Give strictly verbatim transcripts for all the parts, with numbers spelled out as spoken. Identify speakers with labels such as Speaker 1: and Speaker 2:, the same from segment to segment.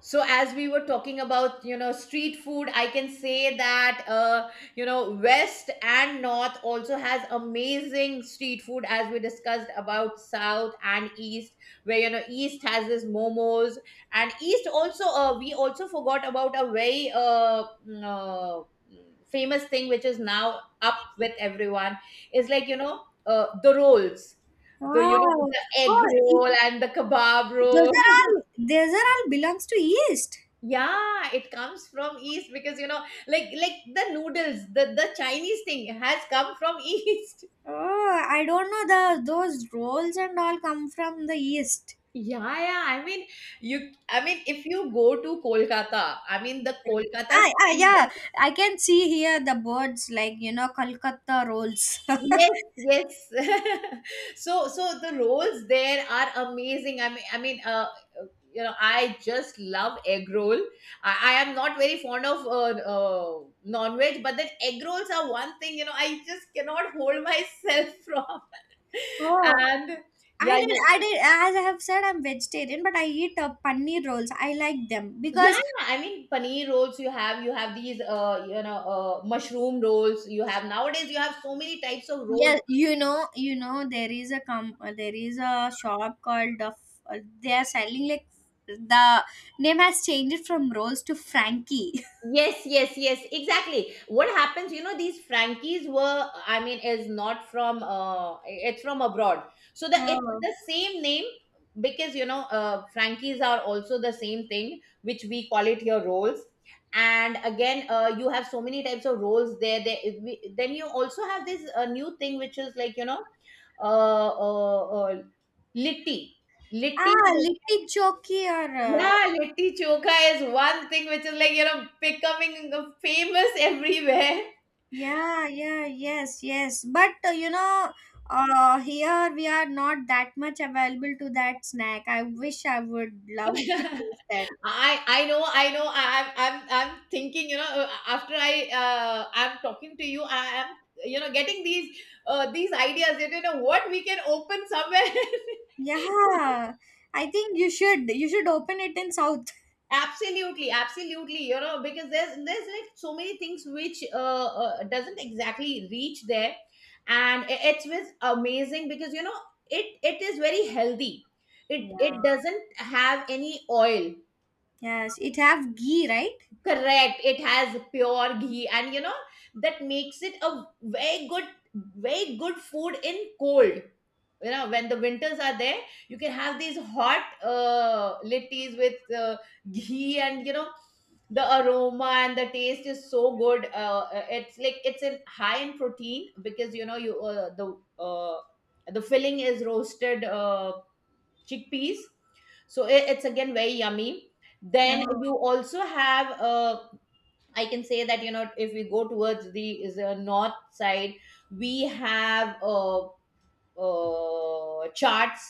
Speaker 1: So as we were talking about, you know, street food, I can say that uh, you know, west and north also has amazing street food, as we discussed about south and east. Where, you know, east has this momos. And east also, uh, we also forgot about a very uh, mm, uh, famous thing which is now up with everyone, is like, you know, uh, the rolls, the you know
Speaker 2: Wow.
Speaker 1: the egg
Speaker 2: Oh, e-
Speaker 1: roll and the kebab
Speaker 2: those
Speaker 1: roll.
Speaker 2: are all those are all belongs to East.
Speaker 1: Yeah, it comes from East because, you know, like like the noodles, the the Chinese thing has come from East.
Speaker 2: Oh, I don't know the those rolls and all come from the East.
Speaker 1: Yeah, yeah. I mean, you. I mean, if you go to Kolkata, I mean the Kolkata.
Speaker 2: Ah, ah, yeah. I can see here the boards like you know Kolkata rolls.
Speaker 1: Yes, yes. so so the rolls there are amazing. I mean, I mean, uh, you know, I just love egg roll. I, I am not very fond of uh, uh, non-veg, but then egg rolls are one thing. You know, I just cannot hold myself from.
Speaker 2: oh,
Speaker 1: And
Speaker 2: I
Speaker 1: yeah,
Speaker 2: did.
Speaker 1: you,
Speaker 2: I did. As I have said, I'm vegetarian, but I eat uh, paneer rolls. I like them
Speaker 1: yeah,
Speaker 2: because
Speaker 1: yeah, I mean paneer rolls, you have, you have these uh you know uh mushroom rolls, you have, nowadays you have so many types of
Speaker 2: yeah,
Speaker 1: rolls.
Speaker 2: you know, you know, there is a com- uh, there is a shop called the. F- uh, They are selling like the name has changed from Rolls to Frankie.
Speaker 1: Yes, yes, yes, exactly. What happens, you know, these Frankies were, I mean, is not from, uh, it's from abroad. So the, it's
Speaker 2: Oh.
Speaker 1: the same name because, you know, uh, Frankies are also the same thing, which we call it here rolls. And again, uh, you have so many types of rolls there. There, is- we- then you also have this uh, new thing, which is like, you know, uh, uh, uh, litti. Litti,
Speaker 2: Ah, Litti Choki or uh,
Speaker 1: yeah, litti chokha is one thing which is like, you know, becoming famous everywhere.
Speaker 2: yeah, yeah, yes, yes. But uh, you know, uh, here we are not that much available to that snack. I wish I would love to taste that.
Speaker 1: I I know I know I, I'm I'm I'm thinking, you know, uh, after I uh, I'm talking to you, I am, you know, getting these uh, these ideas that, you know, what we can open somewhere.
Speaker 2: Yeah, I think you should you should open it in South.
Speaker 1: Absolutely, absolutely. You know, because there's there's like so many things which uh, uh doesn't exactly reach there. And i- it's was amazing because, you know, it it is very healthy, it it
Speaker 2: Yeah.
Speaker 1: doesn't have any oil.
Speaker 2: Yes, it have ghee, right?
Speaker 1: Correct, it has pure ghee, and you know, that makes it a very good, very good food in cold. You know, when the winters are there, you can have these hot uh, litties with uh, ghee, and you know, the aroma and the taste is so good. Uh, uh, it's like it's in high in protein because, you know, you uh, the uh, the filling is roasted uh, chickpeas, so i- it's again very yummy. Then
Speaker 2: No,
Speaker 1: you also have, uh, I can say that, you know, if we go towards the is the north side, we have uh, uh, charts,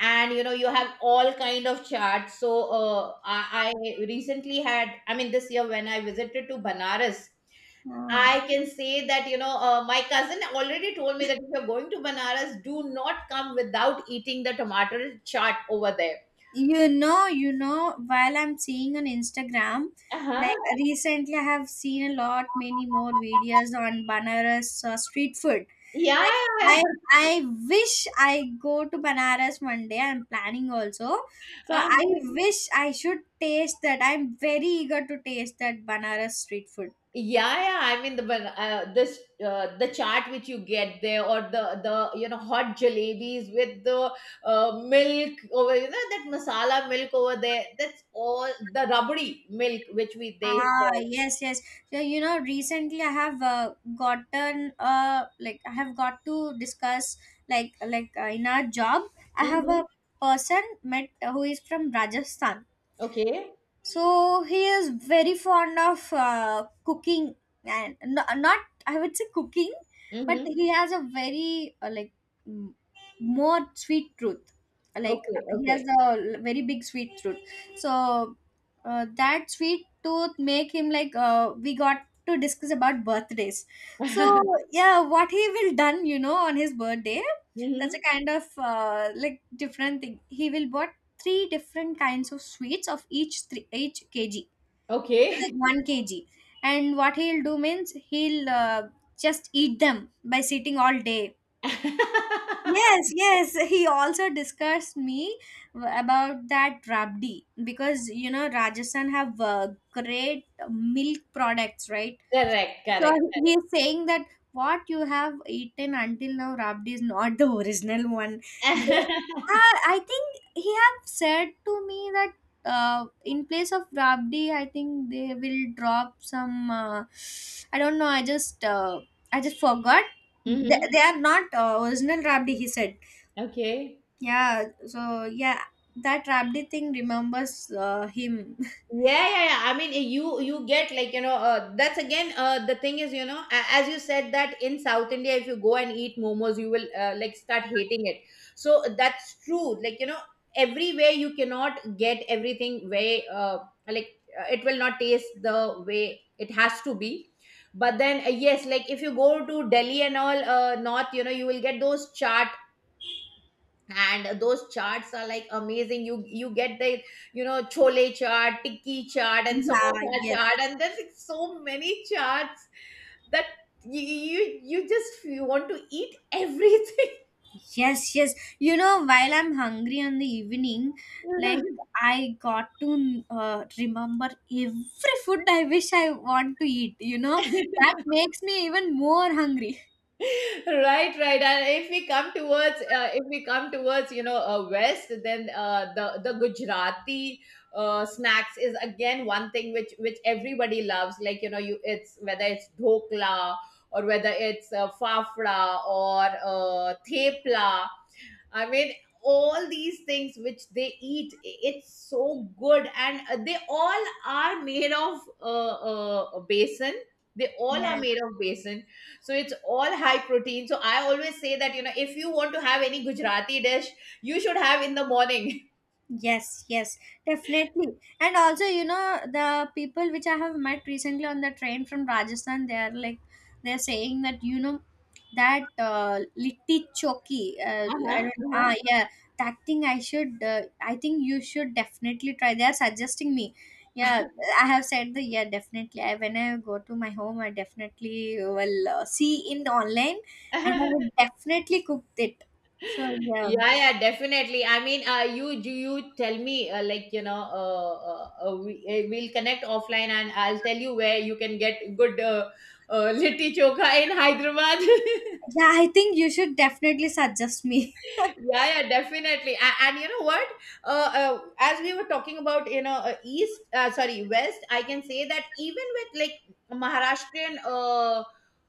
Speaker 1: and you know, you have all kind of charts. So uh, I, I recently had, I mean, this year when I visited to Banaras,
Speaker 2: no.
Speaker 1: I can say that, you know, uh, my cousin already told me that if you're going to Banaras, do not come without eating the tomato chaat over there.
Speaker 2: You know, you know, while I'm seeing on Instagram, like
Speaker 1: Uh-huh.
Speaker 2: recently I have seen a lot many more videos on Banaras uh, street food.
Speaker 1: Yeah, yeah, yeah.
Speaker 2: I I wish I go to Banaras one day. I'm planning also. So I
Speaker 1: Uh-huh.
Speaker 2: wish I should taste that. I'm very eager to taste that Banaras street food.
Speaker 1: Yeah, yeah. I mean, the one uh, this uh, the chaat which you get there, or the the you know hot jalebis with the uh, milk over, you know, that masala milk over there. That's all the rubbery milk which we they
Speaker 2: Ah,
Speaker 1: call.
Speaker 2: yes, yes. So, you know, recently I have uh, gotten uh like I have got to discuss like like uh, in our job I have
Speaker 1: Mm-hmm.
Speaker 2: a person met who is from Rajasthan,
Speaker 1: Okay.
Speaker 2: so he is very fond of uh, cooking and no, not I would say cooking, but
Speaker 1: Mm-hmm.
Speaker 2: he has a very uh, like m- more sweet tooth, like
Speaker 1: Okay.
Speaker 2: he has
Speaker 1: Okay.
Speaker 2: a l- very big sweet tooth. So uh, that sweet tooth make him like uh, we got to discuss about birthdays. So yeah, what he will done you know on his birthday, that's a
Speaker 1: Mm-hmm.
Speaker 2: kind of uh, like different thing. He will buy three different kinds of sweets of each three, each kg, like
Speaker 1: Okay.
Speaker 2: one kg. And what he'll do means he'll uh, just eat them by sitting all day. Yes, yes, he also discussed me about that rabdi, because you know Rajasthan have uh, great milk products, right?
Speaker 1: Correct.
Speaker 2: So
Speaker 1: Correct.
Speaker 2: he
Speaker 1: Correct.
Speaker 2: is saying that what you have eaten until now, Rabdi, is not the original one. The, ah, I think he have said to me that uh, in place of Rabdi, I think they will drop some. Uh, I don't know. I just uh, I just forgot. They,
Speaker 1: Mm-hmm.
Speaker 2: they are not uh, original Rabdi. He said.
Speaker 1: Okay.
Speaker 2: Yeah. So yeah, that Rabdi thing remembers uh, him.
Speaker 1: Yeah, yeah, yeah, I mean, eh, you you get like, you know, uh, that's again, uh, the thing is, you know, a- as you said that in south India, if you go and eat momos, you will uh, like start hating it. So uh, that's true, like, you know, everywhere you cannot get everything way, uh, like uh, it will not taste the way it has to be. But then uh, yes, like if you go to Delhi and all uh, north, you know, you will get those chaat, and those charts are like amazing. you you get the, you know, chole chart, tikki chart, and
Speaker 2: Yeah.
Speaker 1: samosa
Speaker 2: Yes.
Speaker 1: chart, and there's like so many charts that you you, you just you want to eat everything.
Speaker 2: Yes, yes. You know, while I'm hungry in the evening, like I got to uh, remember every food I wish I want to eat. You know, that makes me even more hungry.
Speaker 1: Right, right. And if we come towards uh, if we come towards you know uh, west, then uh, the the Gujarati uh, snacks is again one thing which which everybody loves, like, you know, you it's whether it's dhokla or whether it's uh, fafra or uh, thepla. I mean, all these things which they eat, i- it's so good, and uh, they all are made of uh, uh, basin. They all are made of basin, so it's all high protein. So I always say that, you know, if you want to have any Gujarati dish, you should have in the morning.
Speaker 2: Yes, yes, definitely. And also, you know, the people which I have met recently on the train from Rajasthan, they are like, they're saying that, you know, that uh, litti choki, uh, I
Speaker 1: Uh-huh,
Speaker 2: don't, ah, yeah, that thing I should, uh, I think you should definitely try. They are suggesting me. Yeah, I have said the, yeah, definitely. I, when I go to my home, I definitely will uh, see in online, and I
Speaker 1: uh-huh.
Speaker 2: will definitely cook it. So, yeah.
Speaker 1: Yeah, yeah, definitely, I mean, uh you you, you tell me uh, like, you know, uh, uh, uh, we, uh, we'll connect offline and I'll tell you where you can get good uh, uh, litti chokha in Hyderabad.
Speaker 2: Yeah, I think you should definitely suggest me.
Speaker 1: Yeah, yeah, definitely. And, and you know what, uh, uh, as we were talking about, you know, uh, east uh, sorry west, I can say that even with like Maharashtrian uh,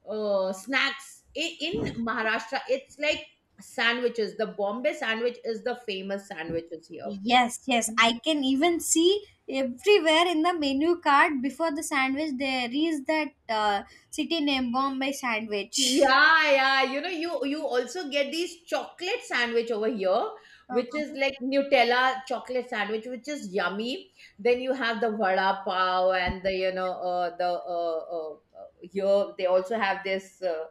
Speaker 1: uh, snacks, i- in Maharashtra, it's like sandwiches, the Bombay sandwich is the famous sandwiches here.
Speaker 2: Yes, yes. I can even see everywhere in the menu card before the sandwich there is that uh, city name Bombay sandwich.
Speaker 1: Yeah, yeah. You know, you you also get these chocolate sandwich over here, which is
Speaker 2: Okay.
Speaker 1: like Nutella chocolate sandwich, which is yummy. Then you have the vada pav, and the, you know, uh, the uh, uh, uh, here they also have this. Uh,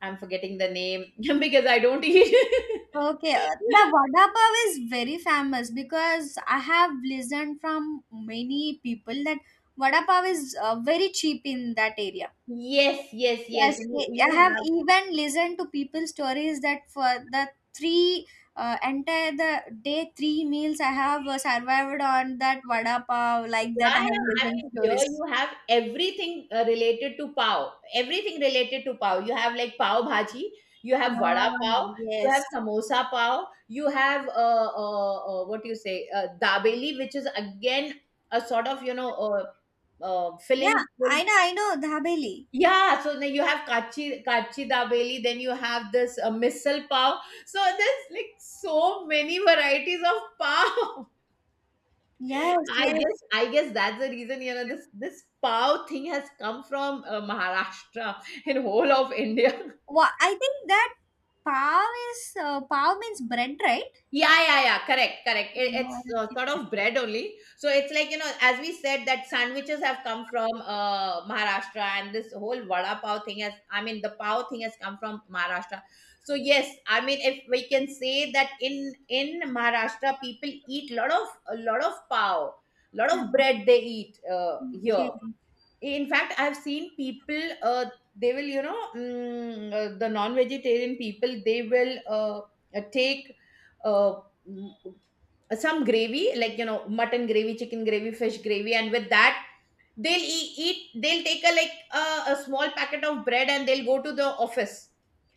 Speaker 1: I'm forgetting the name because I don't eat.
Speaker 2: Okay. uh, The vada pav is very famous because I have listened from many people that vada pav is uh, very cheap in that area.
Speaker 1: Yes, yes, yes.
Speaker 2: Yes,
Speaker 1: You,
Speaker 2: I I
Speaker 1: you.
Speaker 2: have even listened to people's stories that for the three uh, entire the day three meals I have uh, survived on that vada pav, like that I
Speaker 1: Yeah,
Speaker 2: have
Speaker 1: yeah. I
Speaker 2: listened
Speaker 1: mean, here
Speaker 2: stories.
Speaker 1: you have everything uh, related to pav. Everything related to pav. You have like pav bhaji, you have
Speaker 2: Ah,
Speaker 1: vada pav, you
Speaker 2: yes.
Speaker 1: have samosa pav, you have uh, uh, uh, what do you say, uh, dabeli, which is again a sort of, you know, uh, uh,
Speaker 2: Yeah,
Speaker 1: filling.
Speaker 2: I
Speaker 1: filled-
Speaker 2: know, I know, the Haveli.
Speaker 1: Yeah, so then you have kachi kachi dabeli, then you have this uh, misal pav. So there's like so many varieties of pav.
Speaker 2: Yes,
Speaker 1: I guess
Speaker 2: yes.
Speaker 1: I guess that's the reason, you know, this this pav thing has come from uh, Maharashtra in whole of India.
Speaker 2: Wha I think that pav is uh, pav means bread, right?
Speaker 1: Yeah, yeah, yeah. Correct, correct. It, it's uh, sort of bread only. So it's like, you know, as we said, that sandwiches have come from uh, Maharashtra, and this whole vada pav thing has. I mean, the pav thing has come from Maharashtra. So yes, I mean, if we can say that in in Maharashtra, people eat lot of a lot of pav, lot
Speaker 2: Okay.
Speaker 1: of
Speaker 2: Okay.
Speaker 1: bread they eat uh, here. In fact, I've seen people, uh, they will, you know, mm, uh, the non vegetarian people, they will uh, uh, take uh, mm, some gravy, like, you know, mutton gravy, chicken gravy, fish gravy, and with that they'll e- eat, they'll take a like a, a small packet of bread and they'll go to the office,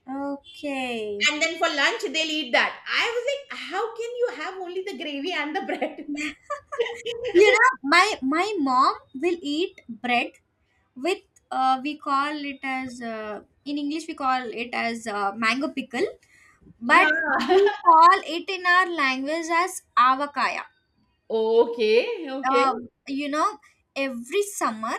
Speaker 2: Okay.
Speaker 1: and then for lunch they'll eat that. I was like, how can you have only the gravy and the bread?
Speaker 2: You know, my my mom will eat bread with uh, we call it as uh, in English we call it as uh, mango pickle,
Speaker 1: Yeah.
Speaker 2: but we call it in our language as avakaya.
Speaker 1: Okay, okay.
Speaker 2: um, you know, every summer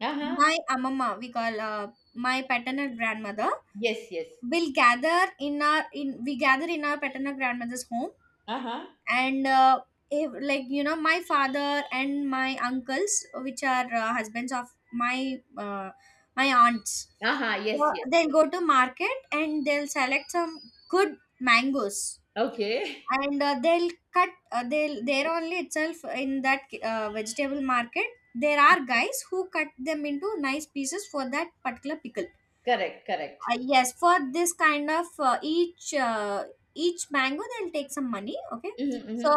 Speaker 1: Uh-huh.
Speaker 2: my amama we call uh, my paternal grandmother
Speaker 1: Yes, yes.
Speaker 2: will gather in our in we gather in our paternal grandmother's home.
Speaker 1: Uh-huh.
Speaker 2: And uh, if, like you know, my father and my uncles, which are uh, husbands of my uh, my aunts,
Speaker 1: Aha, yes,
Speaker 2: so
Speaker 1: yes,
Speaker 2: they'll
Speaker 1: yes.
Speaker 2: go to market and they'll select some good mangoes.
Speaker 1: Okay.
Speaker 2: And uh, they'll cut uh, they'll there only itself in that uh, vegetable market, there are guys who cut them into nice pieces for that particular pickle.
Speaker 1: Correct, correct.
Speaker 2: Uh, yes, for this kind of uh, each uh, each mango, they'll take some money. Okay,
Speaker 1: Hmm, hmm.
Speaker 2: so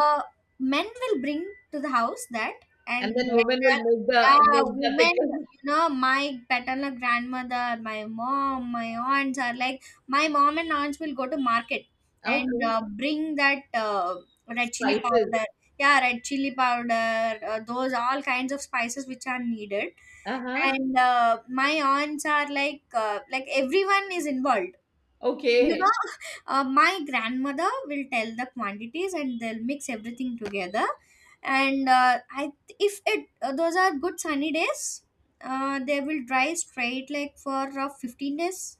Speaker 2: men will bring to the house that,
Speaker 1: And
Speaker 2: and
Speaker 1: then women will
Speaker 2: later,
Speaker 1: make the,
Speaker 2: yeah,
Speaker 1: make the
Speaker 2: women.
Speaker 1: pickle.
Speaker 2: You know, my paternal grandmother, my mom, my aunts are like my mom and aunts will go to market and
Speaker 1: Okay.
Speaker 2: uh, bring that uh, red chili
Speaker 1: Spices.
Speaker 2: powder. Yeah, red chili powder. Uh, those all kinds of spices which are needed.
Speaker 1: Uh-huh.
Speaker 2: And uh, my aunts are like uh, like everyone is involved, you
Speaker 1: Okay,
Speaker 2: know. Uh, my grandmother will tell the quantities and they'll mix everything together. And uh, I if it uh, those are good sunny days, uh, they will dry straight like for uh, fifteen days,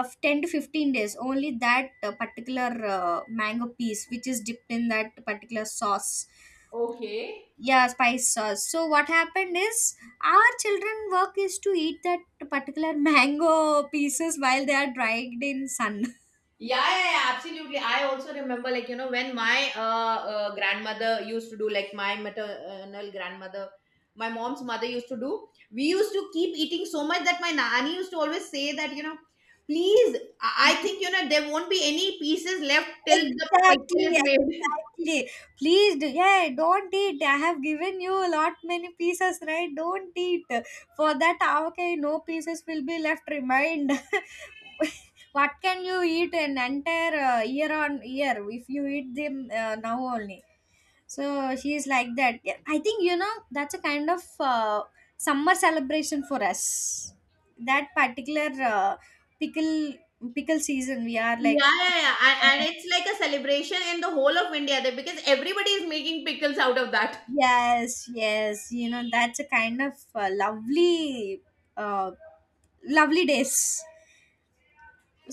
Speaker 2: of ten to fifteen days only, that uh, particular uh, mango piece which is dipped in that particular sauce.
Speaker 1: okay.
Speaker 2: Yeah, spice sauce. So what happened is our children work is to eat that particular mango pieces while they are dried in sun.
Speaker 1: Yeah, yeah, yeah, absolutely. I also remember, like, you know, when my uh, uh grandmother used to do, like my maternal grandmother, my mom's mother used to do. We used to keep eating so much that my nanny used to always say that, you know, please, I I think, you know, there won't be any pieces left till the
Speaker 2: Exactly,
Speaker 1: pickle is made.
Speaker 2: exactly. Please, do, yeah, don't eat. I have given you a lot many pieces, right? Don't eat. For that, ah, okay, no pieces will be left. Remind. What, can you eat an entire uh, year on year if you eat them uh, now only? So she's like that. Yeah, I think you know that's a kind of uh, summer celebration for us. That particular uh, pickle, pickle season, we are like
Speaker 1: Yeah, yeah, yeah. And, and it's like a celebration in the whole of India there, because everybody is making pickles out of that.
Speaker 2: yes, yes. You know, that's a kind of uh, lovely, uh, lovely days.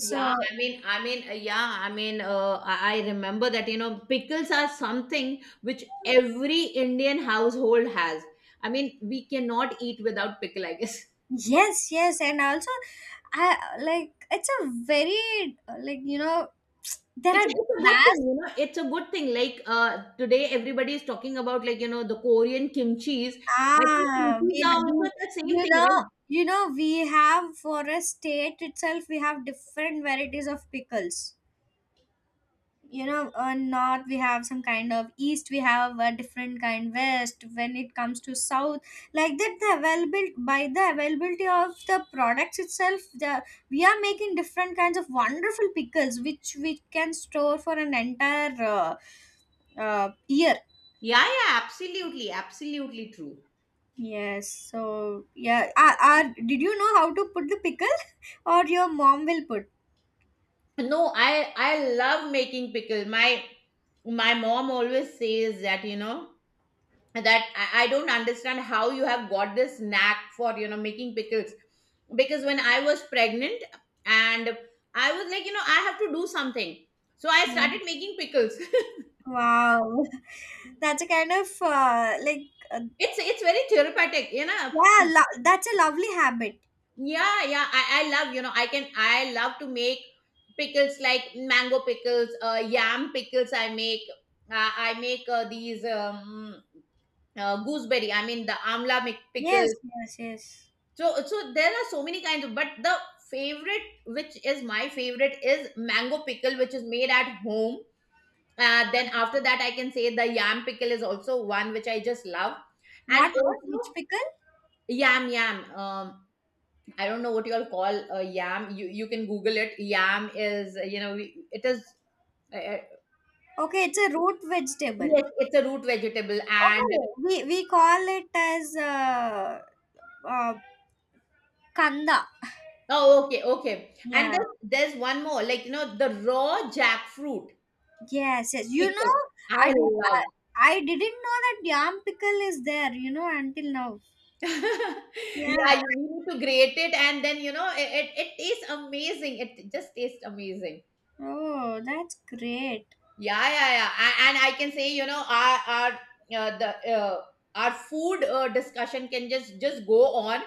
Speaker 1: Yeah, I mean, I mean, uh, yeah, I mean, uh, I I remember that, you know, pickles are something which every Indian household has. I mean, we cannot eat without pickle, I guess.
Speaker 2: yes, yes. And also, I like it's a very, uh, like, you know, there
Speaker 1: It's, it's
Speaker 2: are
Speaker 1: a good thing,
Speaker 2: vast,
Speaker 1: you know, it's a good thing. Like uh, today, everybody is talking about, like, you know, the Korean kimchis. I think
Speaker 2: ah, we,
Speaker 1: kimchis are
Speaker 2: have-
Speaker 1: also
Speaker 2: we,
Speaker 1: the same
Speaker 2: you
Speaker 1: thing,
Speaker 2: know,
Speaker 1: right?
Speaker 2: you know, we have for a state itself, we have different varieties of pickles. You know, uh, north we have some kind of, east we have a different kind, west, when it comes to south, like that the available by the availability of the products itself, the we are making different kinds of wonderful pickles which we can store for an entire uh, uh, year.
Speaker 1: Yeah, yeah, absolutely, absolutely true.
Speaker 2: Yes. So yeah, are, are, did you know how to put the pickle or your mom will put.
Speaker 1: No, I I love making pickle. My my mom always says that, you know, that I, I don't understand how you have got this knack for, you know, making pickles. Because when I was pregnant, and I was like, you know, I have to do something, so I
Speaker 2: Yeah.
Speaker 1: started making pickles.
Speaker 2: Wow. That's a kind of uh, like uh,
Speaker 1: it's it's very therapeutic, you know.
Speaker 2: yeah, lo- that's a lovely habit.
Speaker 1: Yeah, yeah. I, I love, you know, I can, I love to make pickles, like mango pickles, uh, yam pickles. I make, uh, I make uh, these um, uh, gooseberry, I mean, the amla mi-
Speaker 2: Yes,
Speaker 1: pickles.
Speaker 2: yes, yes.
Speaker 1: So, so there are so many kinds of, but the favorite, which is my favorite, is mango pickle, which is made at home. Uh, then after that, I can say the yam pickle is also one which I just love. And
Speaker 2: What, what? Which
Speaker 1: also,
Speaker 2: pickle?
Speaker 1: yam, yam. Um, I don't know what you all call a yam. You you can Google it. Yam is uh, you know we, it is uh, uh,
Speaker 2: Okay, it's a root vegetable.
Speaker 1: yes, it's a root vegetable. And
Speaker 2: Okay, we, we call it as uh, uh, kanda.
Speaker 1: oh, okay, okay. And
Speaker 2: Yeah.
Speaker 1: there's there's one more, like, you know, the raw jackfruit
Speaker 2: Yes, yes. You know,
Speaker 1: pickle.
Speaker 2: I
Speaker 1: I
Speaker 2: did, I,
Speaker 1: love.
Speaker 2: I didn't know that yam pickle is there, you know, until now. Yeah.
Speaker 1: Yeah, you need to grate it, and then you know it, it, it tastes amazing. It just tastes amazing.
Speaker 2: Oh, that's great.
Speaker 1: Yeah, yeah, yeah. A- And I can say, you know, our our uh, the uh, our food uh, discussion can just just go on,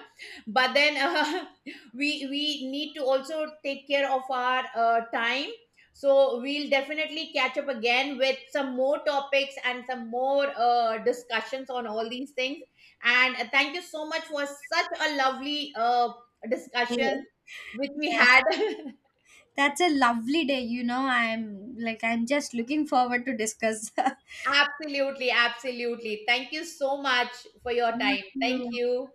Speaker 1: but then uh, we we need to also take care of our uh, time. So we'll definitely catch up again with some more topics and some more uh, discussions on all these things. And uh, thank you so much for such a lovely uh,
Speaker 2: Eh,
Speaker 1: discussion which we
Speaker 2: yes.
Speaker 1: had.
Speaker 2: That's a lovely day, you know. I'm like I'm just looking forward to discuss. Thank
Speaker 1: Absolutely, absolutely. Thank you so much for your time. Thank
Speaker 2: you.
Speaker 1: you.